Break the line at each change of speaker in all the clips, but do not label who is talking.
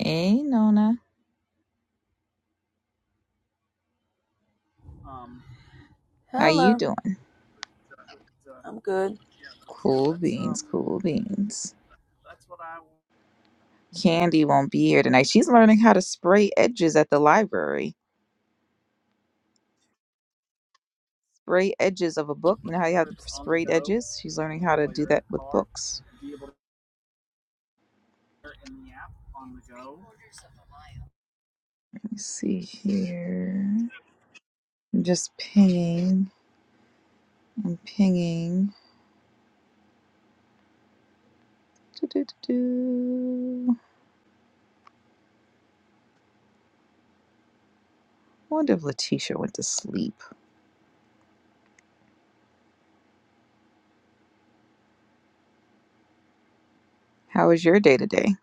Hey, Nona. How you
Hello,
doing?
I'm good.
Cool beans, cool beans. Candy won't be here tonight. She's learning how to spray edges at the library. Spray edges of a book. You know how you have the sprayed edges? She's learning how to do that with books. Let me see here. I'm just pinging. I'm pinging. Do-do-do-do. I wonder if Letitia went to sleep. How was your day today,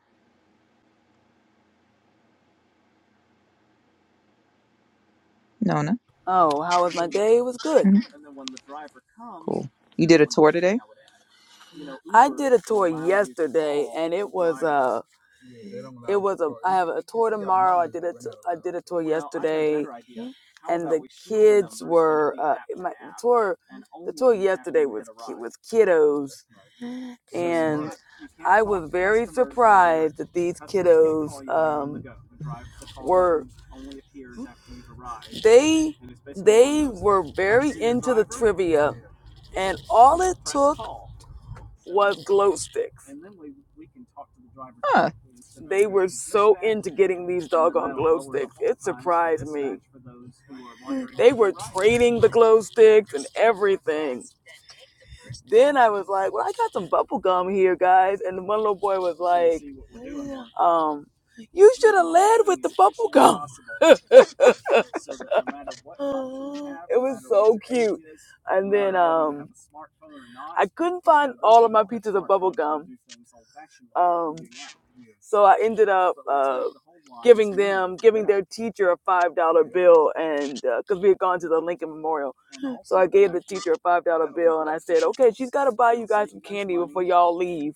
Nona?
Oh, how was my day? It was good.
Mhm. Cool. You did a tour today?
I did a tour yesterday, and it was a, it was a. I have a tour tomorrow. I did a, t- I did a tour yesterday, and the kids were uh, my tour. The tour yesterday was ki- with kiddos, and I was very surprised that these kiddos um, were they they were very into the trivia, and all it took was glow sticks.
Huh.
They were so into getting these doggone glow sticks. It surprised me. They were trading the glow sticks and everything. Then I was like, well, I got some bubble gum here, guys. And the one little boy was like, um, you should have led with the bubble gum. it was so cute. And then um, I couldn't find all of my pieces of bubble gum. Um, so I ended up uh, giving them, giving their teacher a five dollar bill, and because uh, we had gone to the Lincoln Memorial, so I gave the teacher a five dollar bill, and I said, "Okay, she's got to buy you guys some candy before y'all leave."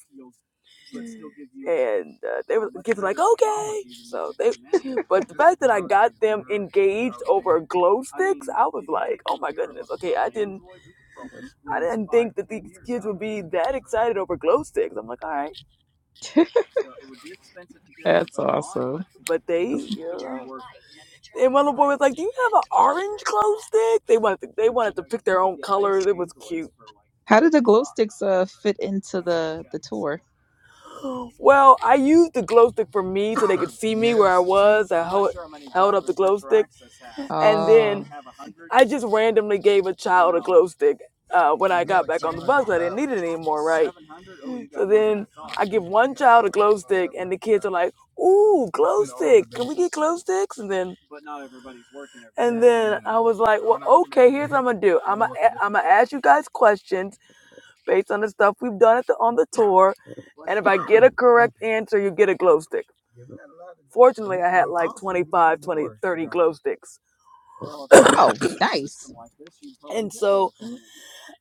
and uh, they were kids were like okay so they but the fact that i got them engaged over glow sticks i was like oh my goodness okay i didn't i didn't think that these kids would be that excited over glow sticks i'm like all right
That's awesome.
but they yeah. and one little boy was like do you have an orange glow stick they wanted to, they wanted to pick their own colors it was cute
How did the glow sticks uh fit into the the tour?
Well, I used the glow stick for me so they could see me where I was. I held, held up the glow stick. And
Oh,
then I just randomly gave a child a glow stick uh, when I got back on the bus, I didn't need it anymore, right? So then I give one child a glow stick, and the kids are like, ooh, glow stick. Can we get glow sticks? And then and then I was like, well, okay, here's what I'm gonna do. I'm gonna, I'm gonna ask you guys questions, based on the stuff we've done at the, on the tour. And if I get a correct answer, you get a glow stick. Fortunately, I had like 25, 20, 30 glow sticks.
oh, nice.
and so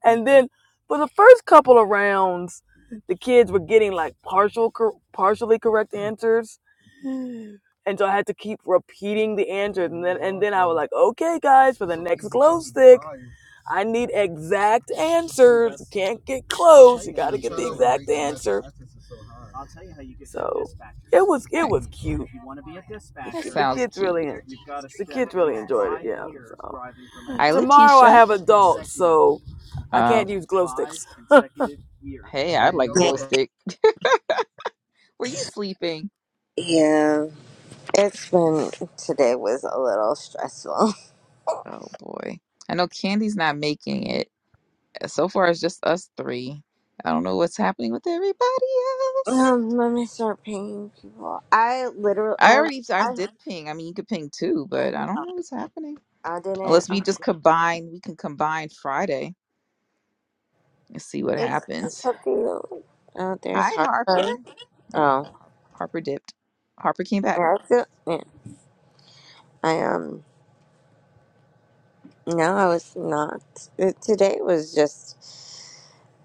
and then for the first couple of rounds, the kids were getting like partial, cor- partially correct answers, and so I had to keep repeating the answers, and then and then I was like, okay, guys, for the next glow stick, I need exact answers. You can't get close. You got to get the exact answer. I'll tell you how you get So dispatcher. it was
All
it
right.
was cute. The,
That
ki- the
sounds
kids really
cute.
the kids really enjoyed it. Yeah. So
Hi,
tomorrow I
Letitia.
have adults, so. I
Uh,
can't use glow sticks. years,
hey,
so
I'd
they
like a
know
glow
the
stick. Were you sleeping?
Yeah, it's been today was a little stressful.
Oh boy, I know Candy's not making it. So far, it's just us three. I don't know what's happening with everybody else.
Um, let me start paying people. I literally,
I
I,
already, I
I,
did ping. I mean, you could ping too, but I don't know what's happening.
I didn't.
Unless we
Uh,
just combine, we can combine Friday and see what
it's it's
happens.
up to you. Oh, there's
Hi,
hard.
Harper.
Oh, yeah,
Harper dipped. Harper came back.
I feel. Yeah, I um. No, I was not. It, today was just.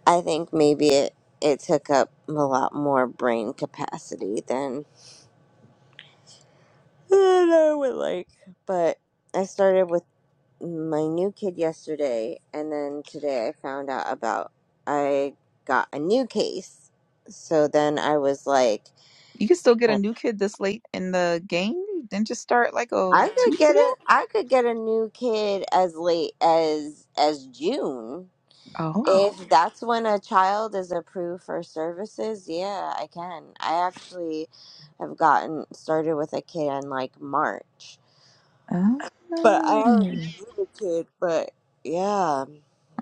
I think maybe it it took up a lot more brain capacity than than I would like, but. I started with. my new kid yesterday, and then today I found out about I got a new case. So then I was like,
You can still get a new kid this late in the game. You Didn't just start like
I
oh two
could
weeks
get
ago.
a I could get a new kid as late as as June.
Oh.
Oh, If Oh. that's when a child is approved for services, yeah, I can. I actually have gotten started with a kid in like March.
Oh.
But I already knew the kid, but yeah.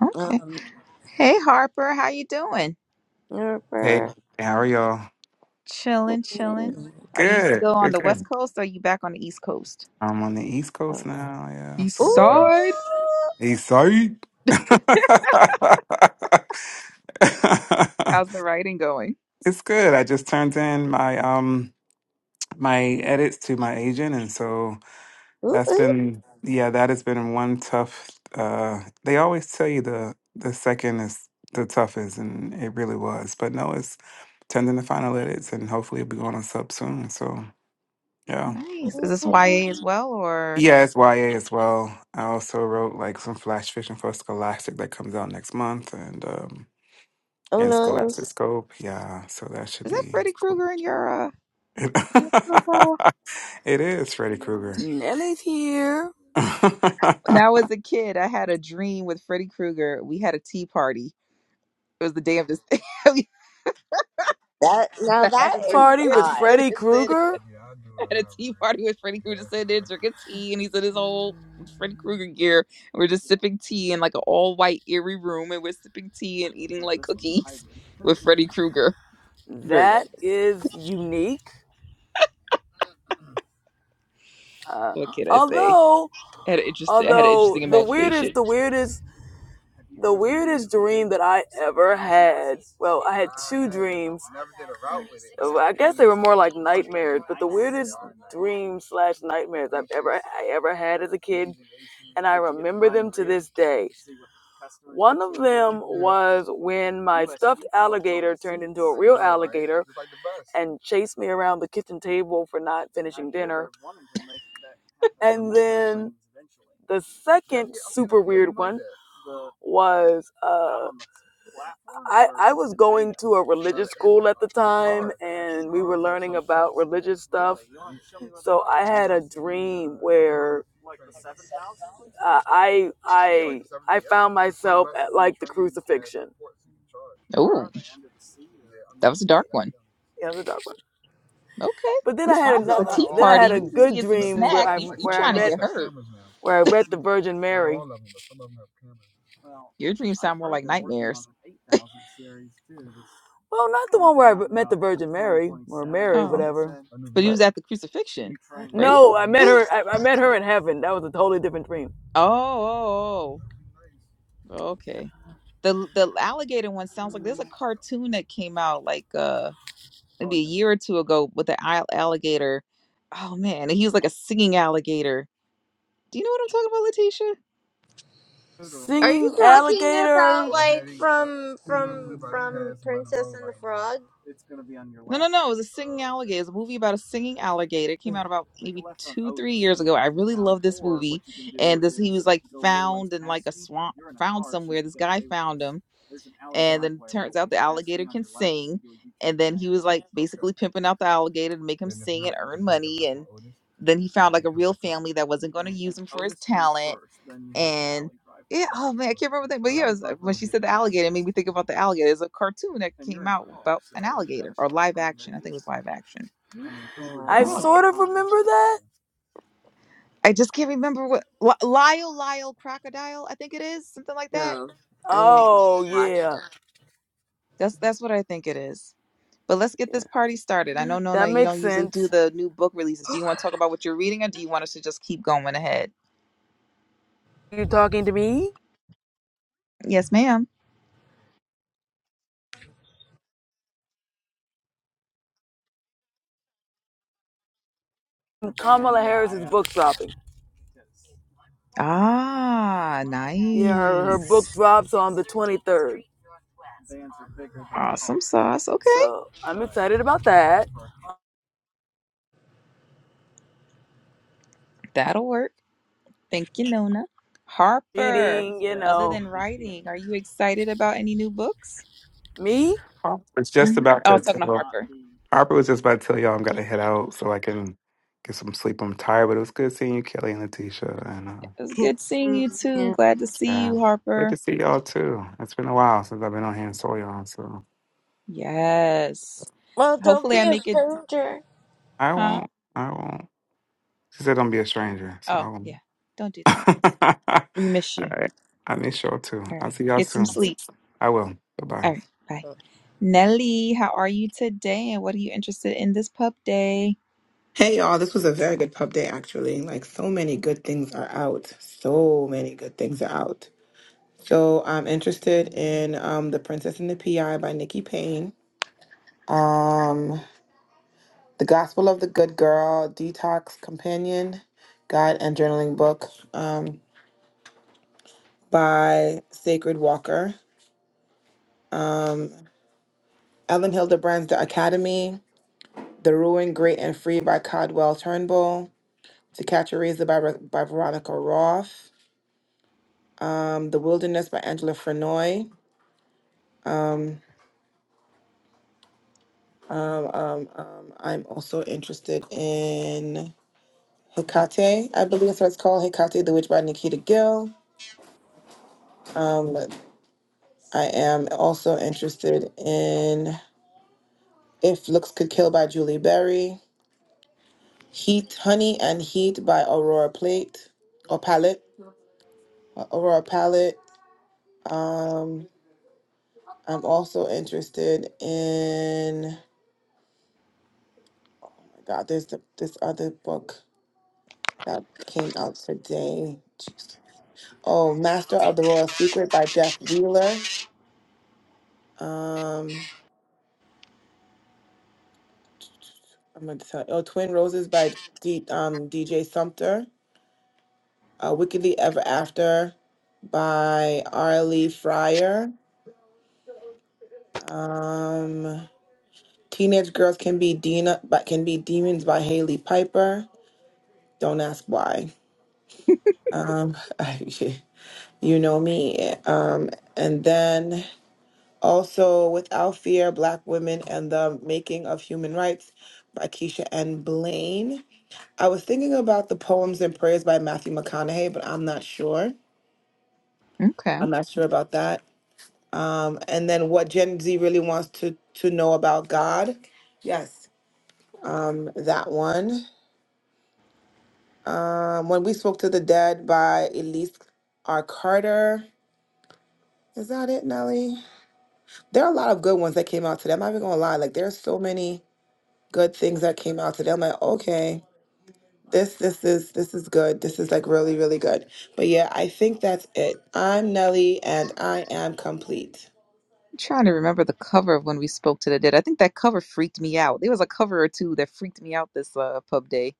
Okay.
Um,
Hey Harper, how you doing?
Hey,
never-
how are y'all?
Chilling, chilling. Are you
Good,
still on
good,
the West
good.
Coast or are you back on the East Coast?
I'm on the East Coast now. Yeah, so
East
uh,
Ooh,
side.
East Side.
How's the writing going?
it's good. I just turned in my um my edits to my agent, and so
ooh,
that's
ooh,
been yeah that has been one tough. Uh, they always tell you the the second is the toughest, and it really was. But no, it's turned in the final edits, and hopefully it'll be going on sub soon. So yeah.
Nice. Is
ooh.
this YA as well or
Yeah, it's YA as well. I also wrote like some flash fiction for Scholastic that comes out next month and um
Oh
in
no,
Scholastic Scope. Yeah, so that should
is that
be
Freddy
cool.
Krueger in your uh in your profile?
It is Freddy Krueger.
Nelly's here.
When
Harper
I was a kid, I had a dream with Freddy Krueger. We had a tea party. It was the day of this.
that now
that had
that is
Freddie
Party with
Gibbs
odd.
that
Freddy
had said
Krueger. Yeah, I do
at a tea party
a
with Freddy Krueger, just said they're drinking tea, and he's in his whole Freddy Krueger gear. And we're just sipping tea in like an all white eerie room, and we're sipping tea and eating like cookies with Freddy Krueger.
hybrid.
Very
That
random.
is unique. Uh,
What can I say?
although,
I had an interesting, I had an
although
interesting
the weirdest,
imagination.
the weirdest, the weirdest dream that I ever had. Well, I had two dreams. Uh, I guess they were more like nightmares, but the weirdest dreams slash nightmares I've ever I ever had as a kid, and I remember them to this day. One of them was when my stuffed alligator turned into a real alligator and chased me around the kitchen table for not finishing dinner. And then the second super weird one was uh, I, I was going to a religious school at the time and we were learning about religious stuff. So I had a dream where uh, I I I found myself at like the crucifixion.
Oh, that was a dark one.
Yeah, like the dark one.
Okay,
But
at
then I
least mine
had
was
No,
a
another. no,
tea
no, Then all I of
party.
had a
You
them.
just
good But
get some
dream it's where
snack.
I
You
like, like
you
where some
trying
I met
to
colleges
get
have
hurt?
cameras now. where I met the Virgin Not Mary. all of them, but some of them have cameras.
Your dreams sound more like nightmares.
Well, not the one where I met the Virgin Mary or Mary,
Oh,
whatever.
but he
But
was at the crucifixion, right?
no, I met her. I, I met her in heaven. That was a totally different dream.
Oh, oh, oh, oh. Okay. The the alligator one sounds like there's a cartoon that came out like uh maybe a year or two ago with the al- alligator. Oh man, and he was like a singing alligator. Do you know what I'm talking about, Letitia?
Are you
Singing
talking
alligator.
about like from from from Princess and the Frog?
No, no, no. It was a singing alligator. It was a movie about a singing alligator. It came out about maybe two, three years ago. I really love this movie. And this he was like found in like a swamp, found somewhere. This guy found him and then it turns out the alligator can sing and then he was like basically pimping out the alligator to make him sing and earn money and then he found like a real family that wasn't going to use him for his talent and yeah oh man i can't remember that but yeah it was, uh, when she said the alligator it made me think about the alligator there's a cartoon that came out about an alligator or live action i think it was live action with
I
an
No,
alligator
sort of remember that.
i just can't remember what Li- lyle lyle crocodile i think it is something like that
no, I never
Oh
watched
yeah,
that.
that's that's what i think it is But let's get this
yeah.
party started. I know Nona,
That
you
makes
don't usually do
sense.
the new book releases. Do you want to talk about what you're reading or do you want us to just keep going ahead?
You talking to me?
Yes, ma'am.
Kamala Harris's book dropping.
Ah,
Yeah, her her book
nice.
drops on the twenty third.
Awesome sauce. Okay.
So I'm excited about that.
That'll work. Thank you, Nona. Harper,
Reading, you
other
know,
than writing, are you excited about any new books?
me?
was just
hmm
about
I
to
was talking to
tell
Harper.
Harper was just about to tell y'all I'm gonna head out so I can get some sleep. I'm tired, but it was good seeing you, Kelly and Letitia and uh
It was good
It's,
seeing you too.
yeah.
Glad to see
yeah.
you,
Great to
Harper.
see y'all too. It's been a while since I've been on here and saw y'all, so
Yes.
Well, don't
Hopefully I
be a
make it,
stranger.
I
huh?
won't I won't She said, "Don't be a stranger." So
Oh,
I won't.
yeah. Don't do that. We miss you.
right. I need show up too.
All
I'll
right.
see y'all
Get some
soon.
sleep.
I will. Bye bye.
All right. Bye. Nelly, how are you today? And what are you interested in this pub day?
Hey y'all, this was a very good pub day actually. Like so many good things are out. So many good things are out. So I'm interested in um The Princess and the PI by Nikki Payne. Um The Gospel of the Good Girl, Detox Companion, Guide and Journaling Book um by Sacred Walker. Um Ellen Hildebrand's The Academy, The Ruin Great and Free by Codwell Turnbull, To Catch a Razor by by Veronica Roth. um, The Wilderness by Angela Frenoy. Um, um, um, um, I'm also interested in Hecate, I believe that's what it's called, Hecate the Witch by Nikita Gill. Um, I am also interested in If Looks Could Kill by Julie Berry, Heat, Honey and Heat by Aurora Plate or Palette, uh, Aurora Palette. Um, I'm also interested in, oh my God, there's the, this other book. that came out today. Jeez. Oh, Master of the Royal Secret by Jeff Wheeler. Um, I'm gonna tell. Oh, Twin Roses by D, um, DJ Sumter. Uh, Wickedly Ever After by Arlie Fryer. Um, Teenage Girls Can Be Dina, but Can Be Demons by Haley Piper. Don't ask why. Um, you know me. Um, and then Also, Without Fear Black Women and the Making of Human Rights by Keisha N. Blaine. I was thinking about the poems and prayers by Matthew McConaughey, but I'm not sure.
Okay. I'm
I'm not sure about that. Um, and then what Gen Z really wants to, to know about God. Yes, um, that one. Um, when We Spoke to the Dead by Elise R. Carter. Is that it, Nelly? There are a lot of good ones that came out today. I'm not even gonna lie. Like there are so many good things that came out today. I'm like, okay. This this is this is good. This is like really really good. But yeah, I think that's it. I'm Nelly and I am complete.
trying to remember the cover of when we spoke to the dead. I think that cover freaked me out. There was a cover or two that freaked me out this uh, pub day.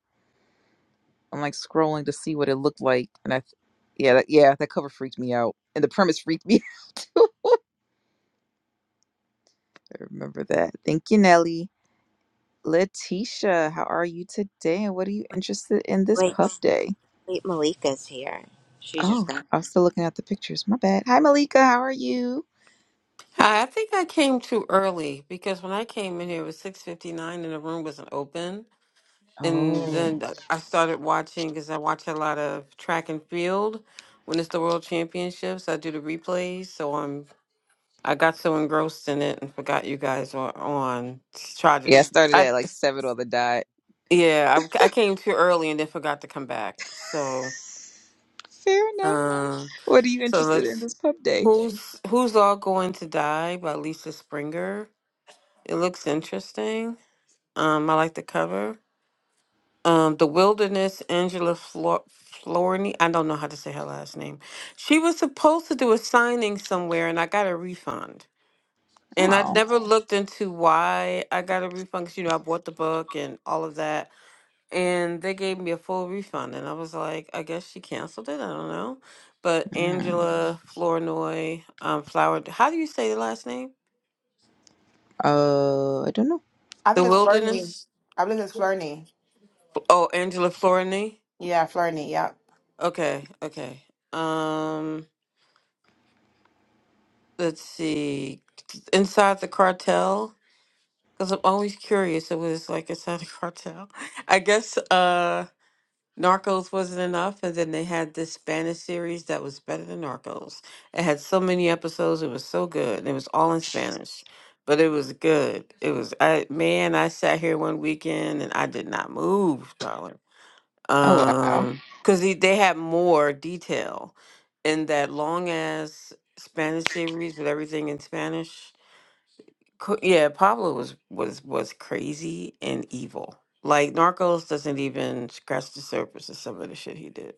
I'm like scrolling to see what it looked like. And I, th- yeah, that, yeah, that cover freaked me out. And the premise freaked me. I remember that. Thank you, Nelly. Letitia, how are you today? And what are you interested in this
Wait,
pub day?
wait, Malika's here. She just
Oh,
got.
I was still looking at the pictures. My bad. Hi, Malika. How are you?
Hi, I think I came too early because when I came in here it was 6:59 and the room wasn't open. And
Oh,
then I started watching because I watch a lot of track and field when it's the World Championships. I do the replays, so I'm I got so engrossed in it and forgot you guys were on. Tried to,
yeah. I started
I
at like seven on the dot.
yeah, I, I came too early and then forgot to come back. So
Fair enough.
um,
What are you
so
interested in
let's
this pub day?
who's who's all going to die by Lisa Springer. It looks interesting. Um, I like the cover. Um, The Wilderness, Angela Flor- Florney. I don't know how to say her last name. She was supposed to do a signing somewhere, and I got a refund. And I
Oh,
never Wow. looked into why I got a refund because, you know, I bought the book and all of that. And they gave me a full refund. And I was like, I guess she canceled it. I don't know. But
mm.
Angela Flournoy, um, Flower, how do you say the last name?
uh, I don't know.
I
The
think it's Flurney.
Wilderness?
I believe it's Flurney.
Oh, Angela Flournoy.
Yeah, Flurney. Yeah.
Okay, okay. Um, let's see, inside the cartel? Because I'm always curious. It was like inside the cartel. I guess uh, Narcos wasn't enough, and then they had this Spanish series that was better than Narcos. It had so many episodes. It was so good. and It was all in Spanish, but it was good. It was I man. I sat here one weekend and I did not move, darling
Oh, wow.
um because they, they had more detail in that long ass spanish series with everything in spanish Co- yeah pablo was was was crazy and evil like narcos doesn't even scratch the surface of some of the shit he did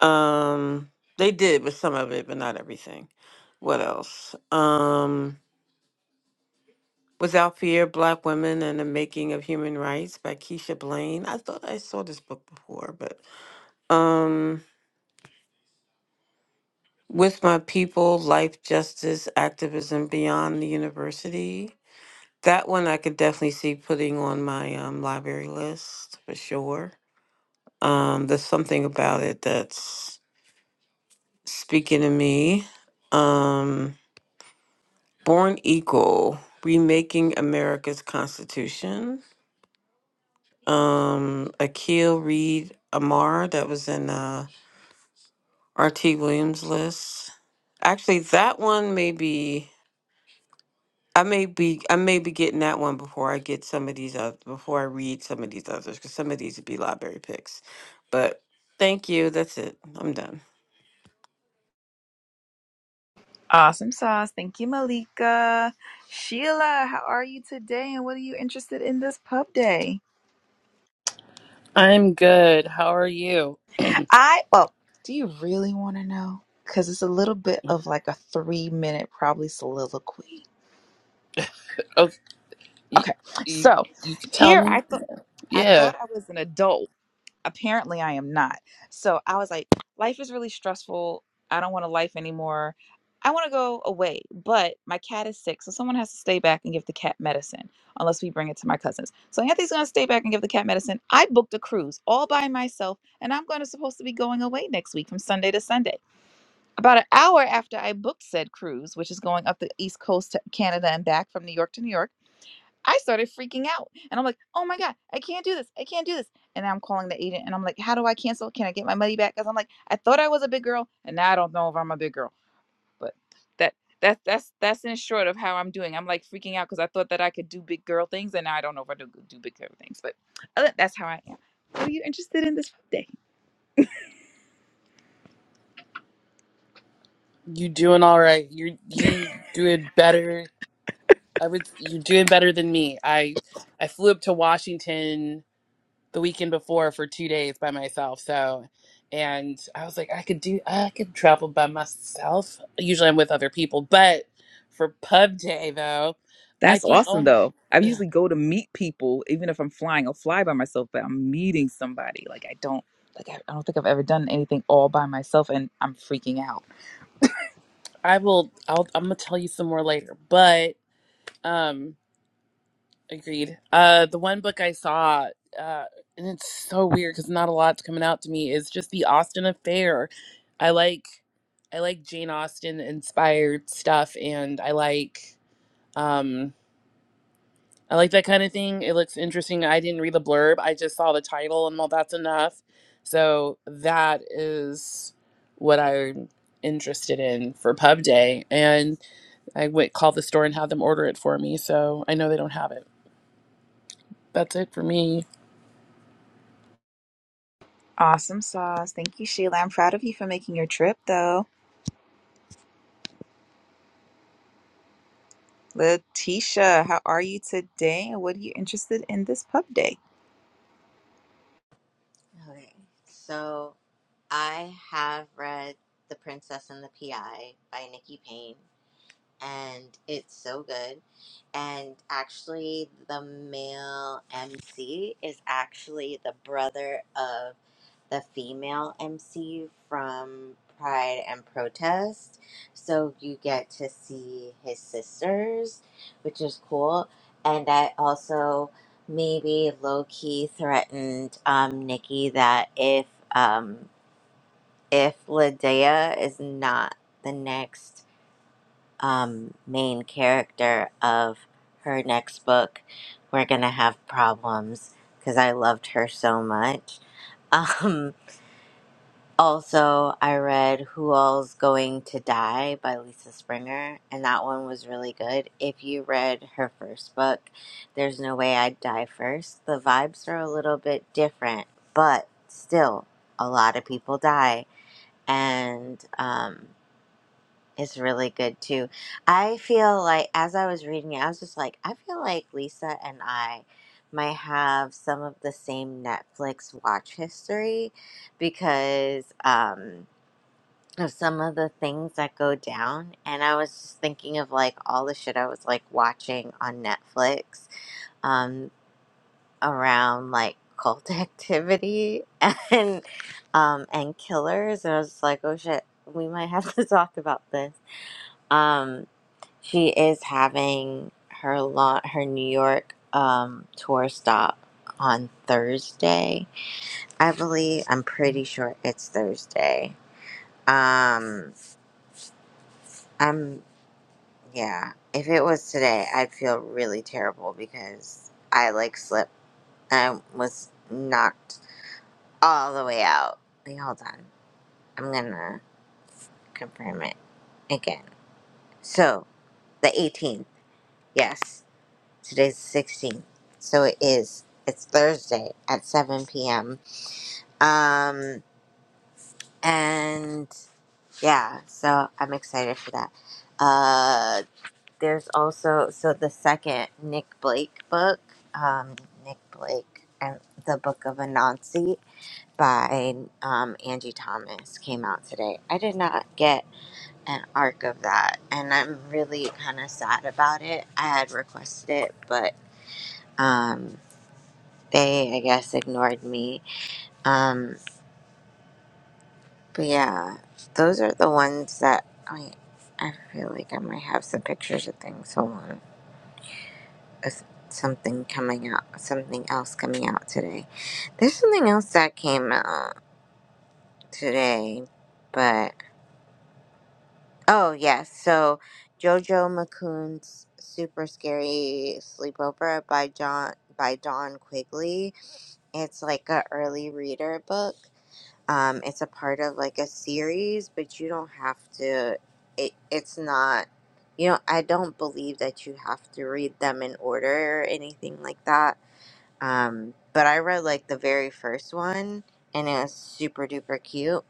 um they did with some of it but not everything what else um without fear black women and the making of human rights by keisha blaine i thought i saw this book before but um with my people, life, justice, activism beyond the university. That one I could definitely see putting on my um, library list for sure. Um, there's something about it that's speaking to me. Um, Born Equal, Remaking America's Constitution. Um, Akil Reed Amar, that was in uh, R.T. Williams' list. Actually, that one may be. I may be I may be getting that one before I get some of these other before I read some of these others because some of these would be library picks. But thank you. That's it. I'm done.
Awesome sauce. Thank you, Malika. Sheila, how are you today? And what are you interested in this pub day?
I'm good. How are you?
I well, do you really want to know? Because it's a little bit of like a three minute probably soliloquy.
Oh, you,
Okay,
you,
so
you could tell
here
me.
I thought I
Yeah,
thought I was an adult. Apparently, I am not. So I was like, life is really stressful. I don't want a life anymore. I want to go away, but my cat is sick, so someone has to stay back and give the cat medicine, unless we bring it to my cousins. So Anthony's going to stay back and give the cat medicine. I booked a cruise all by myself, and I'm going to supposed to be going away next week from Sunday to Sunday. About an hour after I booked said cruise, which is going up the East Coast to Canada and back from New York to New York, I started freaking out. And I'm like, oh my God, I can't do this. I can't do this. And I'm calling the agent and I'm like, how do I cancel? Can I get my money back? Because I'm like, I thought I was a big girl and now I don't know if I'm a big girl. But that that that's that's in short of how I'm doing. I'm like freaking out because I thought that I could do big girl things and now I don't know if I do do big girl things. But other- that's how I am. Are you interested in this day?
you doing all right. You you doing better. I would. You're doing better than me. I I flew up to Washington the weekend before for two days by myself. So, and I was like, I could do. I could travel by myself. Usually, I'm with other people, but for Pub Day though, I
That's
think.
awesome
Oh,
though. I usually go to meet people, even if I'm flying. I'll fly by myself, but I'm meeting somebody. Like I don't like I, I don't think I've ever done anything all by myself and I'm freaking out.
I will. I'll. I'm gonna tell you some more later, but. Um, Agreed. Uh, the one book I saw, uh, and it's so weird because not a lot's coming out to me, is just the Austen Affair. I like I like Jane Austen inspired stuff, and I like um, I like that kind of thing. It looks interesting. I didn't read the blurb. I just saw the title, and well, that's enough. So that is what I'm interested in for Pub Day, and I went called the store and had them order it for me. So I know they don't have it. That's it for me.
Awesome sauce. Thank you, Sheila. I'm proud of you for making your trip, though. Letitia, how are you today? And what are you interested in this pub day?
Okay, so I have read *The Princess and the PI* by Nikki Payne. and it's so good. And actually, the male MC is actually the brother of the female MC from Pride and Protest. So you get to see his sisters, which is cool. And I also maybe low key threatened um, Nikki that if um, if Ladea is not the next um, main character of her next book, we're gonna have problems because I loved her so much. Um, also, I read Who All's Going to Die by Lisa Springer, and that one was really good. If you read her first book, There's No Way I'd Die First, the vibes are a little bit different, but still, a lot of people die. And um, is really good too. I feel like as I was reading it, I was just like, I feel like Lisa and I might have some of the same Netflix watch history because um, of some of the things that go down. And I was just thinking of like all the shit I was like watching on Netflix um, around like cult activity and um, and killers. And I was just like, oh shit, we might have to talk about this. Um, she is having her launch, her New York um, tour stop on Thursday. I believe. I'm pretty sure it's Thursday. Um, I'm yeah. If it was today, I'd feel really terrible because I like slipped. and I was knocked all the way out. Wait, hold on. I'm gonna confirm it again. So the 18th. Yes. Today's the 16th. So it is. It's Thursday at 7 p.m. Um, and yeah, so I'm excited for that. Uh, there's also, so the second Nick Blake book, um, Nick Blake and the Book of Anansi by um, Angie Thomas came out today. I did not get an arc of that, and I'm really kind of sad about it. I had requested it, but um, they I guess ignored me. Um, but yeah, those are the ones that I mean, I feel like I might have some pictures of things. Hold on, Is something coming out, something else coming out today. There's something else that came out today, but oh yes, so JoJo McCoon's Super Scary Sleepover by John by Don Quigley. It's like a early reader book um, it's a part of like a series but you don't have to it, it's not you know i don't believe that you have to read them in order or anything like that um, but i read like the very first one and it was super duper cute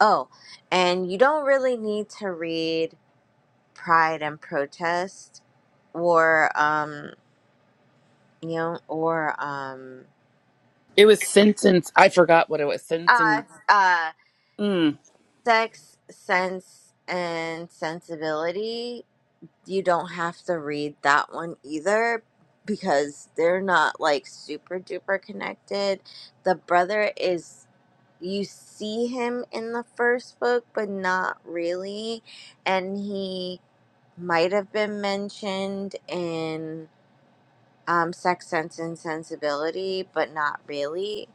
oh and you don't really need to read pride and protest or um you know or um
It was sentence. I forgot what it was. Sentence.
uh, uh
Mm.
sex sense and sensibility you don't have to read that one either because they're not like super duper connected. The brother is you see him in the first book but not really and he might have been mentioned in um, sex sense and sensibility but not really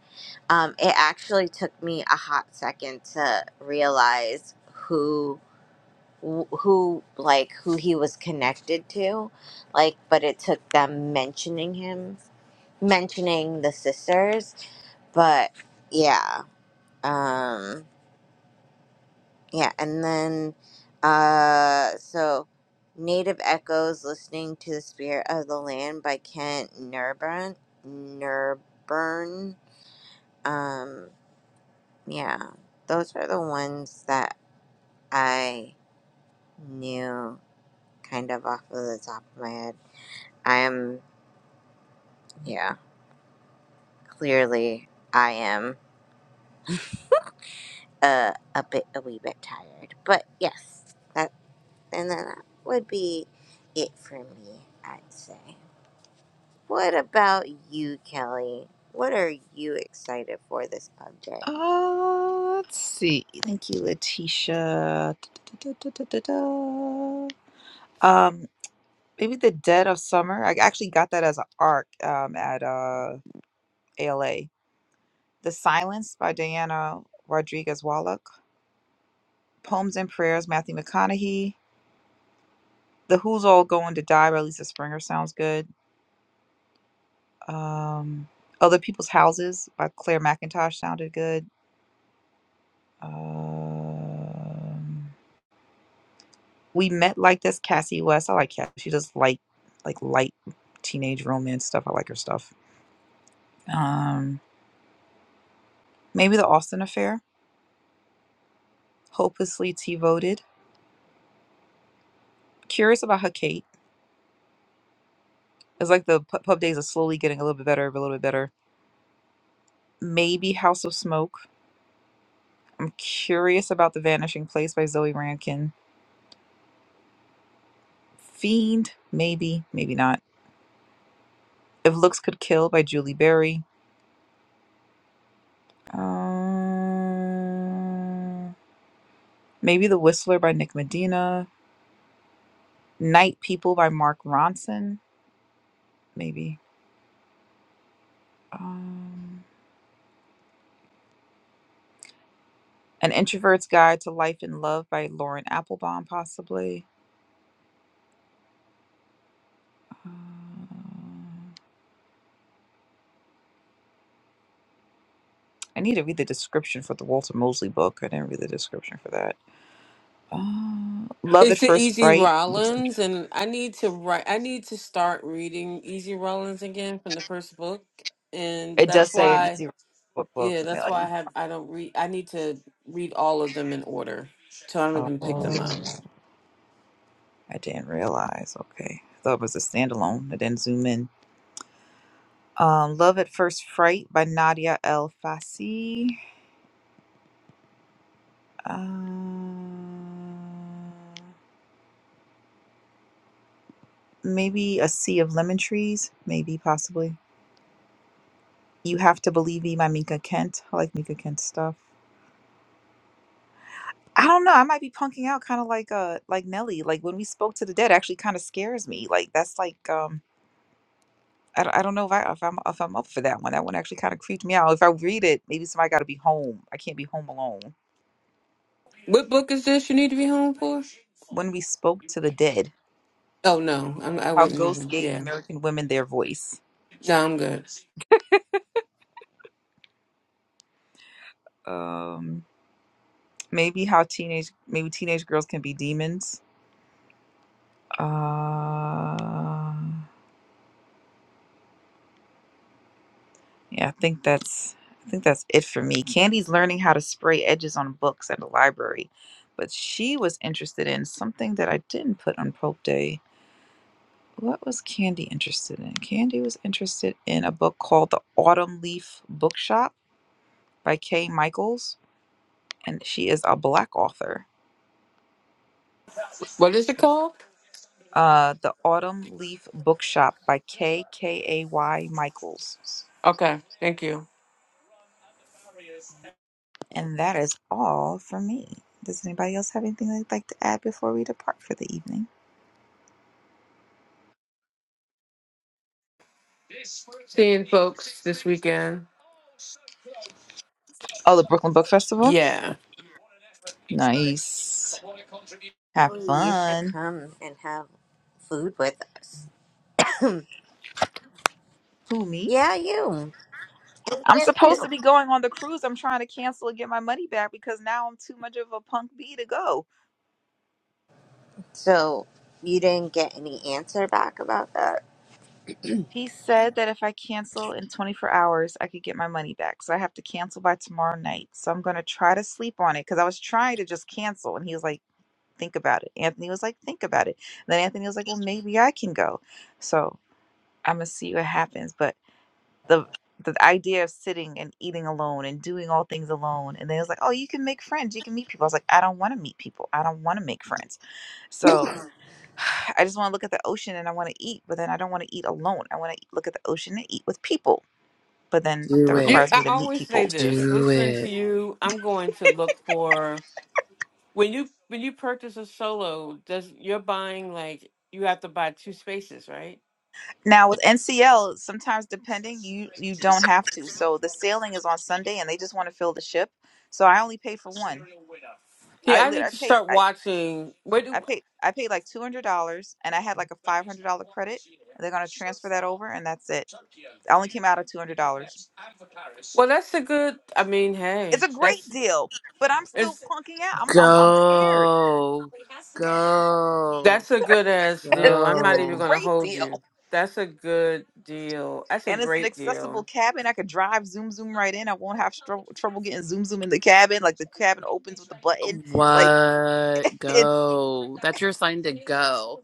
um, it actually took me a hot second to realize who wh- who like who he was connected to like but it took them mentioning him mentioning the sisters but yeah um yeah and then uh so native echoes listening to the spirit of the land by kent nurburn nurburn um yeah those are the ones that i knew kind of off of the top of my head i am Yeah, clearly I am uh, a bit, a wee bit tired, but yes, that and then that would be it for me. I'd say. What about you, Kelly? What are you excited for this pub day?
Uh, let's see. Thank you, Letitia. Da, da, da, da, da, da, da. Um, maybe the dead of summer. I actually got that as an arc um, at uh ALA. The Silence by Diana Rodriguez Wallach. Poems and Prayers, Matthew McConaughey. The Who's All Going to Die by Lisa Springer sounds good. Um, Other People's Houses by Claire McIntosh sounded good. Um, we Met Like This, Cassie West. I like Cassie. She does light, like light teenage romance stuff. I like her stuff. Um, maybe The Austin Affair. Hopelessly T voted. Curious about her Kate. It's like the pu- pub days are slowly getting a little bit better, a little bit better maybe House of Smoke. I'm curious about The Vanishing Place by Zoe Rankin. Fiend, maybe, maybe not. If Looks Could Kill by Julie Berry. Um, maybe The Whistler by Nick Medina. Night People by Mark Ronson, maybe. Um, An Introvert's Guide to Life and Love by Lauren Applebaum, possibly. Um, I need to read the description for the Walter Mosley book. I didn't read the description for that. Uh, Love at
It's the
First
Easy
Fright. Looks like
Rollins, and I need to write. I need to start reading Easy Rollins again from the first book, and
it
that's
does say an
why.
easy book book.
Yeah, that's
Like,
why I have. I don't read. I need to read all of them in order, so I don't even pick
oh,
them up.
I didn't realize. Okay, I thought it was a standalone. I didn't zoom in. Um, Love at First Fright by Nadia El Fassi. Um, maybe A Sea of Lemon Trees. Maybe possibly. You Have to Believe Me by Mika Kent. I like Mika Kent stuff. I don't know. I might be punking out kind of like uh like Nelly. Like when we spoke to the dead actually kind of scares me. Like that's like um I don't, I don't know if I if I'm if I'm up for that one. That one actually kind of creeped me out. If I read it, maybe somebody got to be home. I can't be home alone.
What book is this? You need to be home for?
When we spoke to the dead,
Oh no, I'm, I
how
wouldn't
ghosts
even.
gave
Yeah,
American women their voice.
no, I'm good.
Um maybe how teenage maybe teenage girls can be demons. Uh Yeah, I think that's I think that's it for me. Candy's learning how to spray edges on books at the library, but she was interested in something that I didn't put on Pope Day. What was Candy interested in? Candy was interested in a book called The Autumn Leaf Bookshop by Kay Michaels, and she is a black author.
What is it called?
Uh, the Autumn Leaf Bookshop by K K A Y Michaels,
Okay, thank you.
and that is all for me. Does anybody else have anything they'd like to add before we depart for the evening?
Seeing folks this weekend.
Oh, the Brooklyn Book Festival?
Yeah.
Nice. Have
Oh, you should
fun.
come and have food with us.
Who, me?
yeah, you and
I'm
Aunt
supposed
too.
to be going on the cruise. I'm trying to cancel and get my money back because now I'm too much of a punk bee to go.
So you didn't get any answer back about that.
He said that if I cancel in 24 hours, I could get my money back. So I have to cancel by tomorrow night. So I'm going to try to sleep on it because I was trying to just cancel. And he was like, think about it. Anthony was like, think about it. And then Anthony was like, well, maybe I can go. So I'm going to see what happens. But the the idea of sitting and eating alone and doing all things alone and then it's like oh you can make friends you can meet people i was like i don't want to meet people i don't want to make friends so i just want to look at the ocean and i want to eat but then i don't want to eat alone i want to look at the ocean and eat with people but then that
Do
You
it.
requires me
I
to meet
always say
people
this.
Do
Listening to
it.
you, I'm going to look for when you when you purchase a solo, does you're buying like you have to buy two spaces, right?
now with ncl sometimes depending you you don't have to so the sailing is on sunday and they just want to fill the ship so i only pay for one i
Yeah, I
lit
need
i
to
paid
start
i
watching where do
I paid I paid like two hundred dollars, and I had like a five hundred dollar credit, and they're gonna transfer that over, and that's it. I only came out of two hundred dollars.
Well that's a good I mean,
It's
hey,
a great
that's
deal, but I'm still
it's
punking out. I'm I'm I'm scared.
Go. Go.
That's a good ass deal. I'm
It's
not
a
even
Go.
gonna
great
hold
deal,
you. That's a good deal. That's a
and it's an
great
accessible
deal.
cabin. I could drive zoom zoom right in. I won't have stro- trouble getting zoom zoom in the cabin. Like the cabin opens with a button. Like
What?
it's.
Go. That's your sign to go.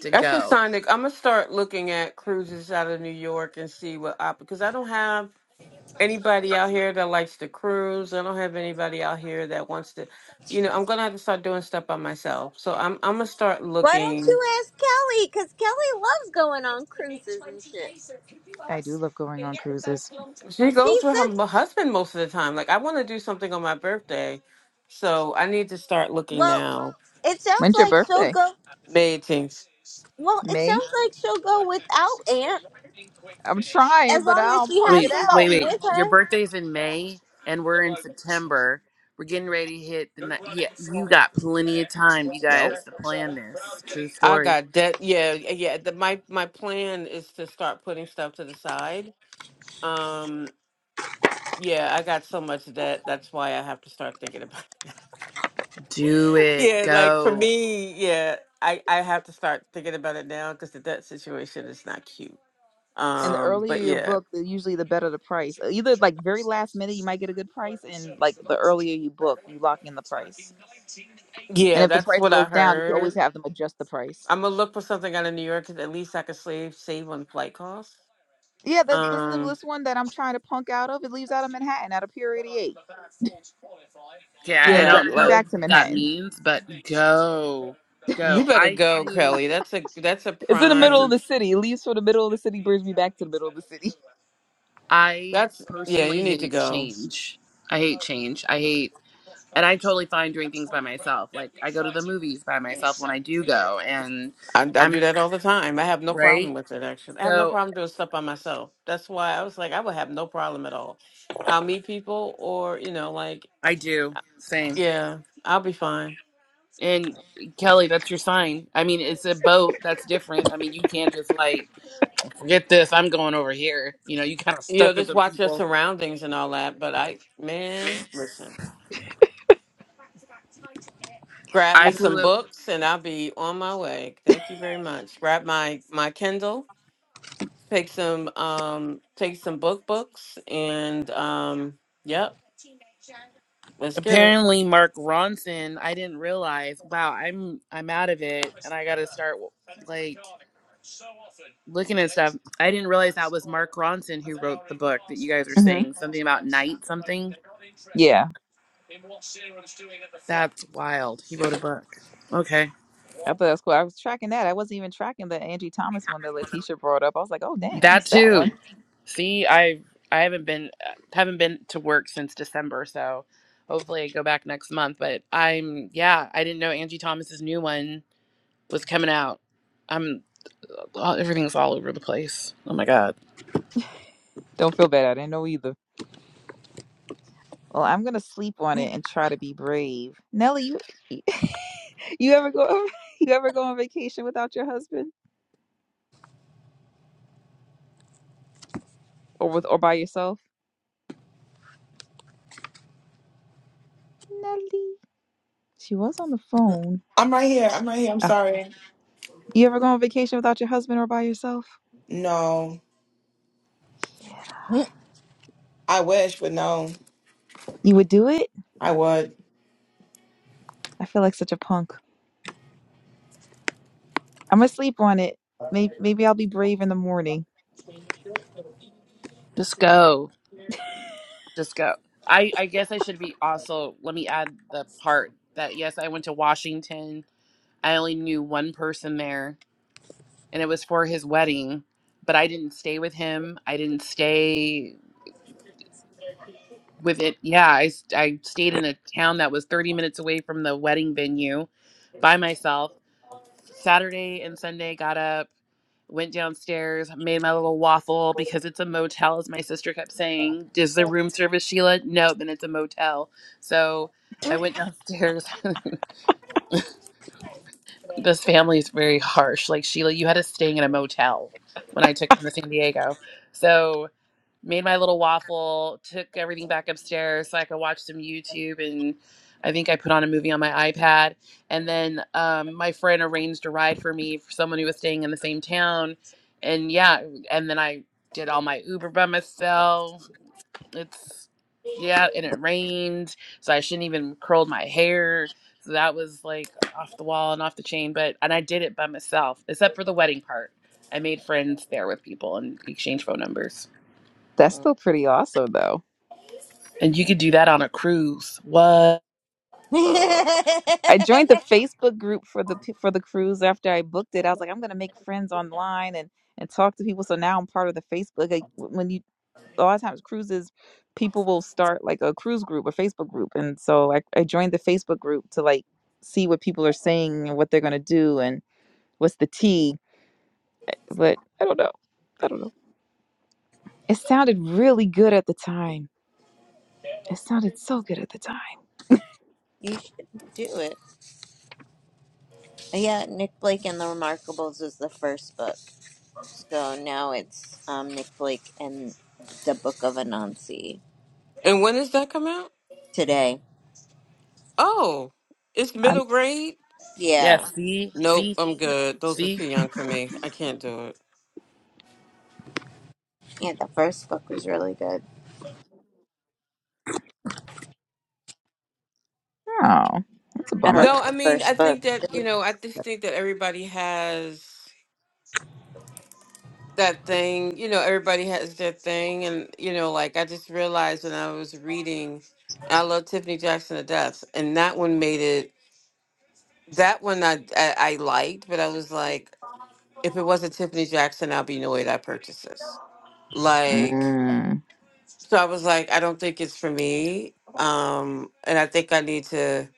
To
That's a
go.
sign that I'm gonna start looking at cruises out of New York and see what op because I don't have anybody out here that likes to cruise. I don't have anybody out here that wants to you know, I'm gonna have to start doing stuff by myself. So I'm I'm gonna start
Why don't
looking
you ask Kelly? Because Kelly loves going on cruises and shit.
I do love going on cruises.
She
She
goes with her
said
m- husband most of the time. Like, I want to do something on my birthday, so I need to start looking
Well,
now.
it sounds
When's your
like she'll
birthday?
go.
Meetings.
Well, it
May.
sounds like she'll go without Aunt
I'm trying,
as
but
long
I
as
don't
she
punk
has
it
Wait, wait,
out.
somebody
wait.
with
Your
her.
birthday's in May and we're in September. We're getting ready to hit the night. Yeah, you got plenty of time, you
Yup.
guys, to plan this. True
I
story.
got debt. Yeah, yeah. The, my my plan is to start putting stuff to the side. Um, yeah, I got so much debt. That's why I have to start thinking about. It.
Do it.
yeah, like for
Go.
me, yeah, I I have to start thinking about it now because the debt situation is not cute.
and the
Um,
earlier
but
your
yeah.
book, the usually the better the price. Uh, Either like very last minute, you might get a good price, and like the earlier you book, you lock in the price. And
Yeah,
if the
that's
price
what I
goes down, you can always
heard.
have them adjust the price.
I'm gonna look for something out of New York 'cause at least I could save save on flight costs.
Yeah, the, this
Um,
this one that I'm trying to punk out of, it leaves out of Manhattan out of Pier 88, and
Yeah, I
then
yeah,
don't
drops me
like
know
back to
what that
Manhattan.
means, but go,
you
go.
better
I
go,
flew.
Kelly. That's a that's a
It's in the
That's
middle
it.
of
prime.
the city. It leaves for the middle of the city, brings me back to the middle of the city.
I
That's yeah, you
personally
need to
hate
go.
change. I hate change. I hate, and I'm totally fine doing things by myself. Like I go to the movies by myself when I do go, and
I, I do
I'm
that all the time. I have no problem
right.
with it, actually. I have no
So
problem doing stuff by myself. That's why I was like, I would have no problem at all. I'll meet people, or, you know, like,
I do
uh,
same.
yeah, I'll be fine.
And Kelly, that's your sign. I mean, it's a boat. That's different. I mean, you can't just like forget this. I'm going over here. You know, you kind of
You know,
stuck with
just
the
watch your
people.
surroundings and all that. But I, man, listen, grab
I
me some
flew.
books and I'll be on my way. Thank you very much. Grab my, my Kindle, take some, um, take some book books, and, um, yep, let's get it.
Apparently, Mark Ronson. I didn't realize. Wow, I'm I'm out of it, and I got to start like looking at stuff. I didn't realize that was Mark Ronson who wrote the book that you guys were
hmm
saying something about night something.
Yeah,
That's wild. He wrote a book. Okay,
I thought that was cool. I was tracking that. I wasn't even tracking the Angie Thomas one that Letitia brought up. I was like, oh dang, I
that
missed that
too.
one.
See, I I haven't been haven't been to work since December, so hopefully I go back next month. But I'm yeah, I didn't know Angie Thomas's new one was coming out. I'm all, everything's all over the place. Oh my god.
Don't feel bad. I didn't know either. Well, I'm gonna sleep on it and try to be brave. Nelly, you you ever go you ever go on vacation without your husband or with or by yourself? Nelly, she was on the phone.
I'm right here. I'm right here. I'm
Ah,
sorry.
you ever go on vacation without your husband or by yourself?
No,
Yeah.
I wish, but no,
You would do it?
I would.
I feel like such a punk. I'm gonna sleep on it. Maybe maybe I'll be brave in the morning.
Just go. Just go. I, I guess I should be also, let me add the part that yes, I went to Washington. I only knew one person there, and it was for his wedding, but I didn't stay with him. I didn't stay with it. Yeah, I, s- I stayed in a town that was 30 minutes away from the wedding venue by myself. Saturday and Sunday, got up, went downstairs, made my little waffle because it's a motel, as my sister kept saying. Is there room service, Sheila? No, then it's a motel. So I went downstairs. this family is very harsh. Like, Sheila, you had us staying in a motel when I took them to San Diego. So made my little waffle, took everything back upstairs so I could watch some YouTube and I think I put on a movie on my iPad. And then um, my friend arranged a ride for me for someone who was staying in the same town. And yeah, and then I did all my Uber by myself. It's, yeah, and it rained. So I shouldn't even curled my hair. So that was like off the wall and off the chain. But, and I did it by myself, except for the wedding part. I made friends there with people and exchanged phone numbers.
That's still pretty awesome though.
And you could do that on a cruise. What?
I joined the Facebook group for the for the cruise after I booked it. I was like, I'm gonna make friends online and and talk to people. So now I'm part of the Facebook. Like, w- when you a lot of times cruises, people will start like a cruise group or Facebook group, and so I, I joined the Facebook group to like see what people are saying and what they're gonna do and what's the tea. But I don't know. I don't know. It sounded really good at the time. It sounded so good at the time.
you should do it. Yeah, Nick Blake and the Remarkables is the first book, so now it's um Nick Blake and the Book of Anansi
And when does that come out?
today.
Oh, it's
I'm,
middle grade?
Yeah,
Yeah,
see,
Nope,
see,
I'm good. Those are too
see.
young for me. I can't do it.
yeah, the first book was really good.
oh, that's a
I
bummer.
love
No, I
the
mean, I
first book.
think that, you know, I just think that everybody has that thing, you know, everybody has their thing. And, you know, like I just realized when I was reading, I love Tiffany Jackson to death. And that one made it, that one I, I, I liked, but I was like, if it wasn't Tiffany Jackson, I'll be annoyed I purchased this. Like,
Mm,
So I was like, I don't think it's for me. Um, and I think I need to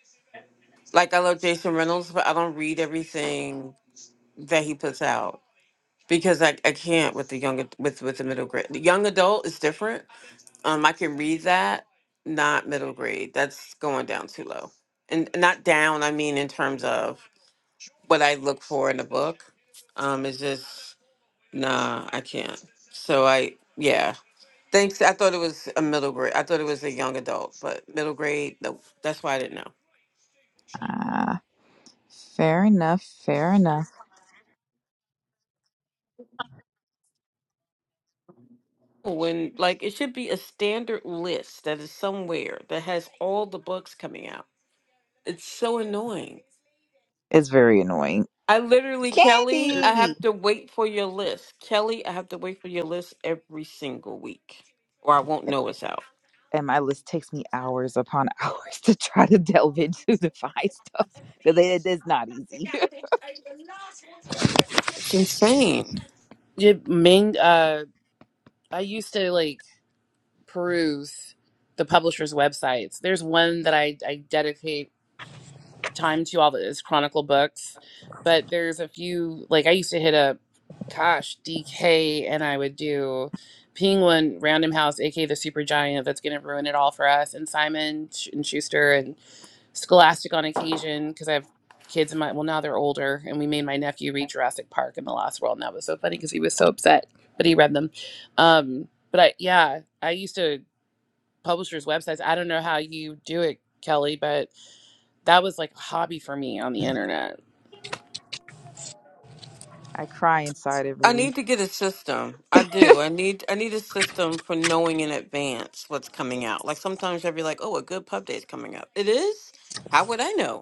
like I love Jason Reynolds, but I don't read everything that he puts out because I, I can't with the young ad- with with the middle grade. The young adult is different. Um, I can read that, not middle grade. That's going down too low. And not down, I mean in terms of what I look for in a book. Um, it's just nah, I can't. So I yeah. Thanks. I thought it was a middle grade. I thought it was a young adult, but middle grade. No, that's why I didn't know.
ah. Fair enough. Fair enough.
When like it should be a standard list that is somewhere that has all the books coming out. It's so annoying.
It's very annoying.
I literally, Kelly, I
Candy!
have to wait for your list. Kelly, I have to wait for your list every single week, or I won't know it's out.
And my list takes me hours upon hours to try to delve into to find stuff because it is not easy.
It's insane.
Yeah, Ming. Uh, I used to like peruse the publisher's websites. There's one that I I dedicate. time to all those Chronicle books, but there's a few like I used to hit up, gosh, DK, and I would do Penguin, Random House, aka the Super Giant. That's gonna ruin it all for us, and Simon Sch- and Schuster and Scholastic on occasion because I have kids in my well now they're older, and we made my nephew read Jurassic Park and The Lost World, and that was so funny because he was so upset, but he read them. Um, but I yeah, I used to publishers' websites. I don't know how you do it, Kelly, but that was like a hobby for me on the internet.
I cry inside every
I
week.
need to get a system. I do. I need I need a system for knowing in advance what's coming out. Like sometimes I'll be like, "Oh, a good pub day is coming up." It is. How would I know?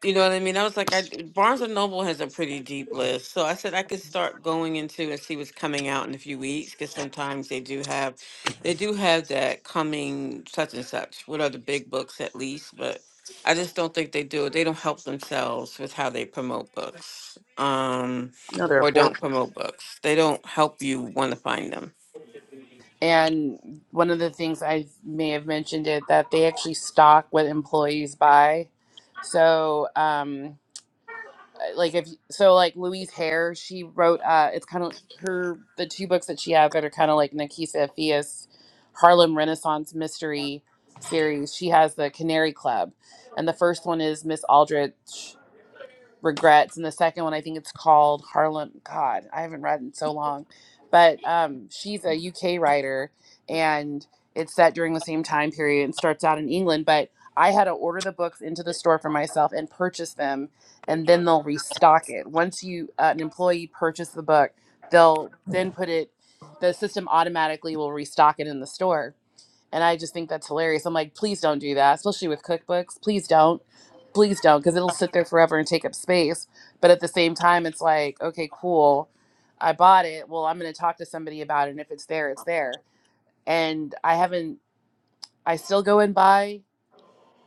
You know what I mean? I was like, I, Barnes and Noble has a pretty deep list, so I said I could start going into and see what's coming out in a few weeks because sometimes they do have, they do have that coming such and such. What are the big books at least? But I just don't think they do it. They don't help themselves with how they promote books, um,
No, they're
or don't
horrible.
promote books. They don't help you want to find them.
And one of the things I may have mentioned it that they actually stock what employees buy. So, um, like if so, like Louise Hare, she wrote. Uh, it's kind of her the two books that she have that are kind of like Nikisa Fias Harlem Renaissance Mystery series. She has the Canary Club, and the first one is Miss Aldrich. regrets and the second one i think it's called harlem god i haven't read in so long but um, she's a uk writer and it's set during the same time period and starts out in england but i had to order the books into the store for myself and purchase them and then they'll restock it once you uh, an employee purchase the book they'll then put it the system automatically will restock it in the store and I just think that's hilarious. I'm like, please don't do that, especially with cookbooks. Please don't. Please don't, because it'll sit there forever and take up space. But at the same time, it's like, okay, cool. I bought it. Well, I'm going to talk to somebody about it. And if it's there, it's there. And I haven't, I still go and buy,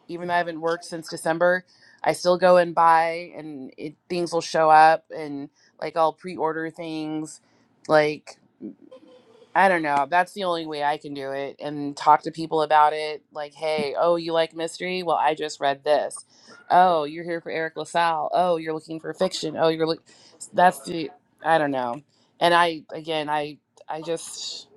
even though I haven't worked since December, I still go and buy and it, things will show up and like I'll pre order things. Like, I don't know. That's the only way I can do it and talk to people about it. Like, hey, oh, you like mystery? Well, I just read this. Oh, you're here for Eric LaSalle. Oh, you're looking for fiction. Oh, you're look. That's the. I don't know. And I again, I I just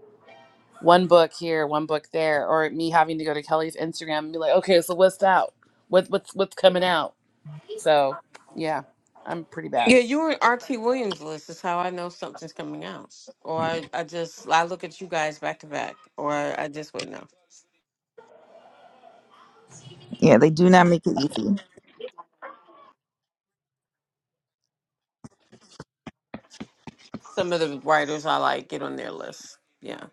one book here, one book there, or me having to go to Kelly's Instagram and be like, okay, so what's out? What what's what's coming out? So yeah, I'm pretty bad
Yeah, you were in RT Williams list is how I know something's coming out. Or I, I just I look at you guys back to back. Or I just wouldn't know.
Yeah, they do not make it easy.
Some of the writers I like get on their list. Yeah.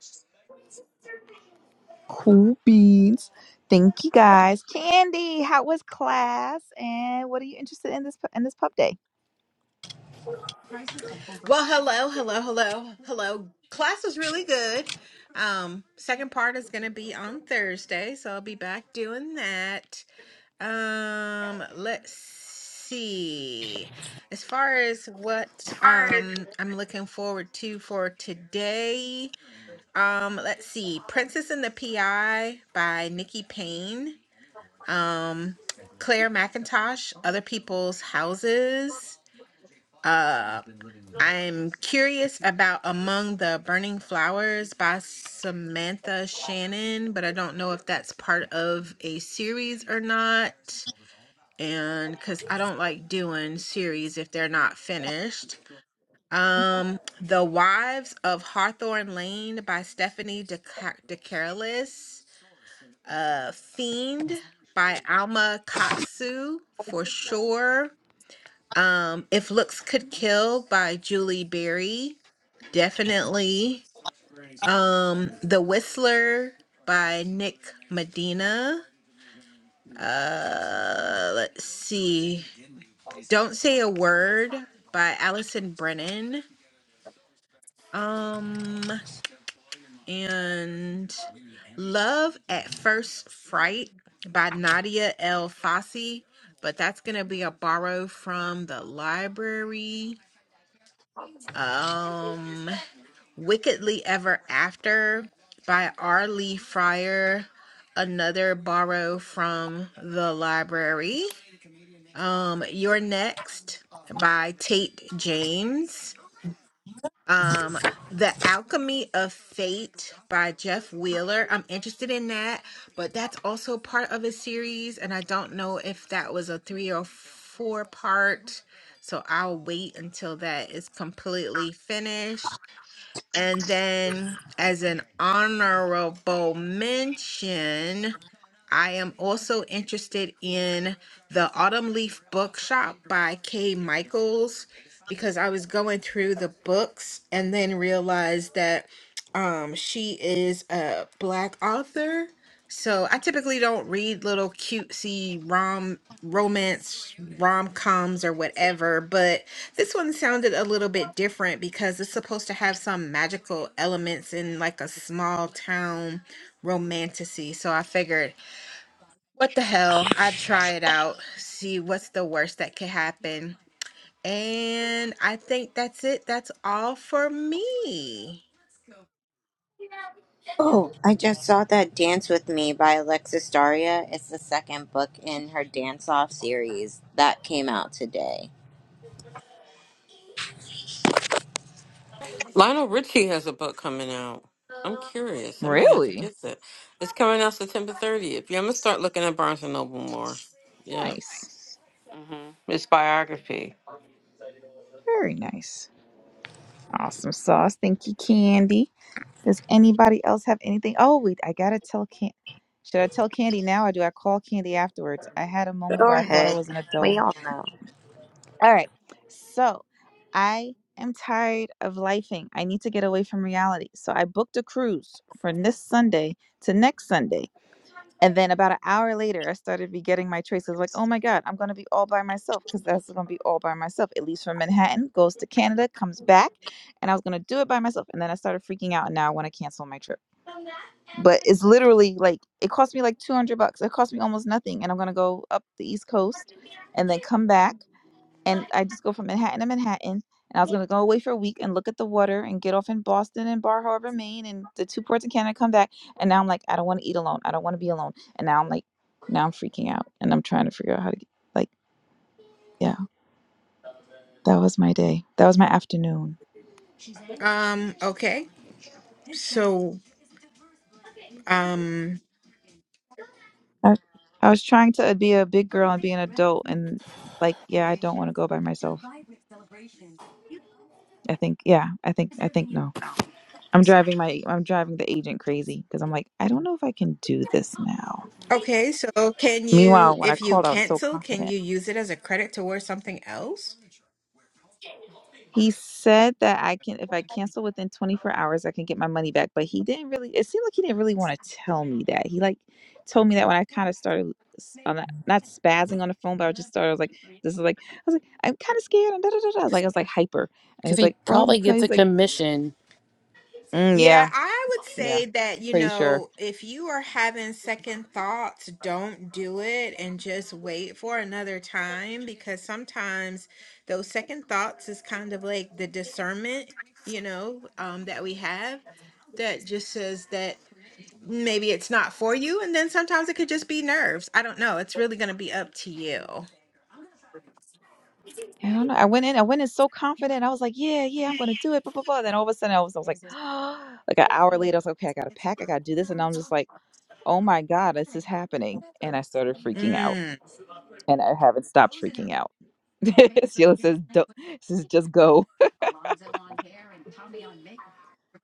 Cool beans. Thank you guys. Candy, how was class? And what are you interested in this in this pub day?
Well, hello, hello, hello, hello. Class was really good. Um, second part is going to be on Thursday, so I'll be back doing that. Um, let's see. As far as what um I'm looking forward to for today, um, let's see. Princess and the PI by Nikki Payne. Um, Claire McIntosh, Other People's Houses. Uh, I'm curious about Among the Burning Flowers by Samantha Shannon, but I don't know if that's part of a series or not. And because I don't like doing series if they're not finished. Um, The Wives of Hawthorne Lane by Stephanie DeCa- DeCarolis. Uh, Fiend by Alma Katsu for sure. Um, If Looks Could Kill by Julie Berry Definitely. Um, The Whistler by Nick Medina. Uh, let's see. Don't Say a Word by Allison Brennan. Um, and Love at First Fright by Nadia L. Fossey, but that's gonna be a borrow from the library. Um, Wickedly Ever After by R. Lee Fryer, another borrow from the library. Um, You're Next by Tate James. Um, The Alchemy of Fate by Jeff Wheeler. I'm interested in that, but that's also part of a series, and I don't know if that was a three or four part. So I'll wait until that is completely finished. And then, as an honorable mention, I am also interested in the Autumn Leaf Bookshop by Kay Michaels because I was going through the books and then realized that um, she is a Black author. So I typically don't read little cutesy rom romance rom coms or whatever, but this one sounded a little bit different because it's supposed to have some magical elements in like a small town romanticy. So I figured, what the hell? I'd try it out, see what's the worst that could happen. And I think that's it. That's all for me.
Oh, I just saw that Dance with Me by Alexis Daria. It's the second book in her Dance Off series that came out today.
Lionel Richie has a book coming out. I'm curious. I might have to
Really?
get that. It's coming out September 30th. Yeah, I'm gonna start looking at Barnes and Noble more. Yeah.
Nice.
hmm It's biography.
Very nice. Awesome sauce. Thank you, Candy. Does anybody else have anything? Oh, wait, I gotta tell Candy. Should I tell Candy now or do I call Candy afterwards? I had a moment
Go
where I thought I
ahead.
was an adult.
We all know.
All right. So I am tired of lifing. I need to get away from reality. So I booked a cruise from this Sunday to next Sunday And then about an hour later, I started regretting my traces. Like, oh my God, I'm going to be all by myself because that's going to be all by myself. It leaves from Manhattan, goes to Canada, comes back, and I was going to do it by myself. And then I started freaking out, and now I want to cancel my trip. But it's literally like, it cost me like 200 bucks. It cost me almost nothing. And I'm going to go up the East Coast and then come back and I just go from Manhattan to Manhattan. And I was gonna go away for a week and look at the water and get off in Boston and Bar Harbor, Maine, and the two ports in Canada. Come back, and now I'm like, I don't want to eat alone. I don't want to be alone. And now I'm like, now I'm freaking out, and I'm trying to figure out how to get, like, yeah. That was my day. That was my afternoon.
Um, okay. So, um,
I, I was trying to be a big girl and be an adult, and like, yeah, I don't want to go by myself. I think, yeah, I think, I think no. I'm driving my, I'm driving the agent crazy because I'm like, I don't know if I can do this now.
Okay, so can you,
Meanwhile, when I
if you
called, I was so
cancel, can
confident.
you use it as a credit towards something else?
He said that I can, if I cancel within 24 hours, I can get my money back. But he didn't really, it seemed like he didn't really want to tell me that. He like told me that when I kind of started, s- I'm not, not spazzing on the phone, but I just started, I was like, this is like, I was like, I'm kind of scared. And da, da, da, da. I was like, I was like hyper. And
because
he's
he
like, well, you,
probably gets a
he's like,
commission
mm, yeah,
Yeah, I would
yeah,
say that, you
pretty sure.
know, if you are having second thoughts, don't do it and just wait for another time because sometimes those second thoughts is kind of like the discernment, you know, um, that we have that just says that maybe it's not for you. And then sometimes it could just be nerves. I don't know. It's really going to be up to you.
I don't know. I went in, I went in so confident. I was like, yeah, yeah, I'm going to do it. Blah, blah, blah. Then all of a sudden I was, I was like, like an hour later, I was like, okay, I got to pack. I got to do this. And I'm just like, oh my God, this is happening. And I started freaking out.
Mm.
And I haven't stopped freaking out. Sheila says, don't, she says just go.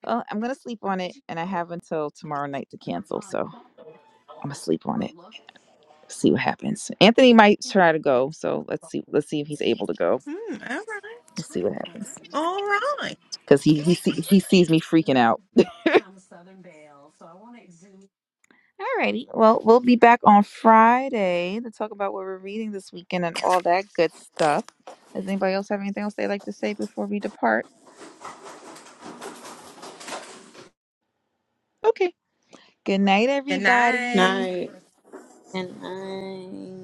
Well, I'm going to sleep on it. And I have until tomorrow night to cancel. So I'm going to sleep on it. See what happens. Anthony might try to go. So let's see. Let's see if he's able to go.
Mm, all
Let's see what
right.
happens.
All right.
Because he, he, see, he sees me freaking out. Alrighty. Well, we'll be back on Friday to talk about what we're reading this weekend and all that good stuff. Does anybody else have anything else they'd like to say before we depart? Okay. Good night,
Good night.
everybody.
Night.
And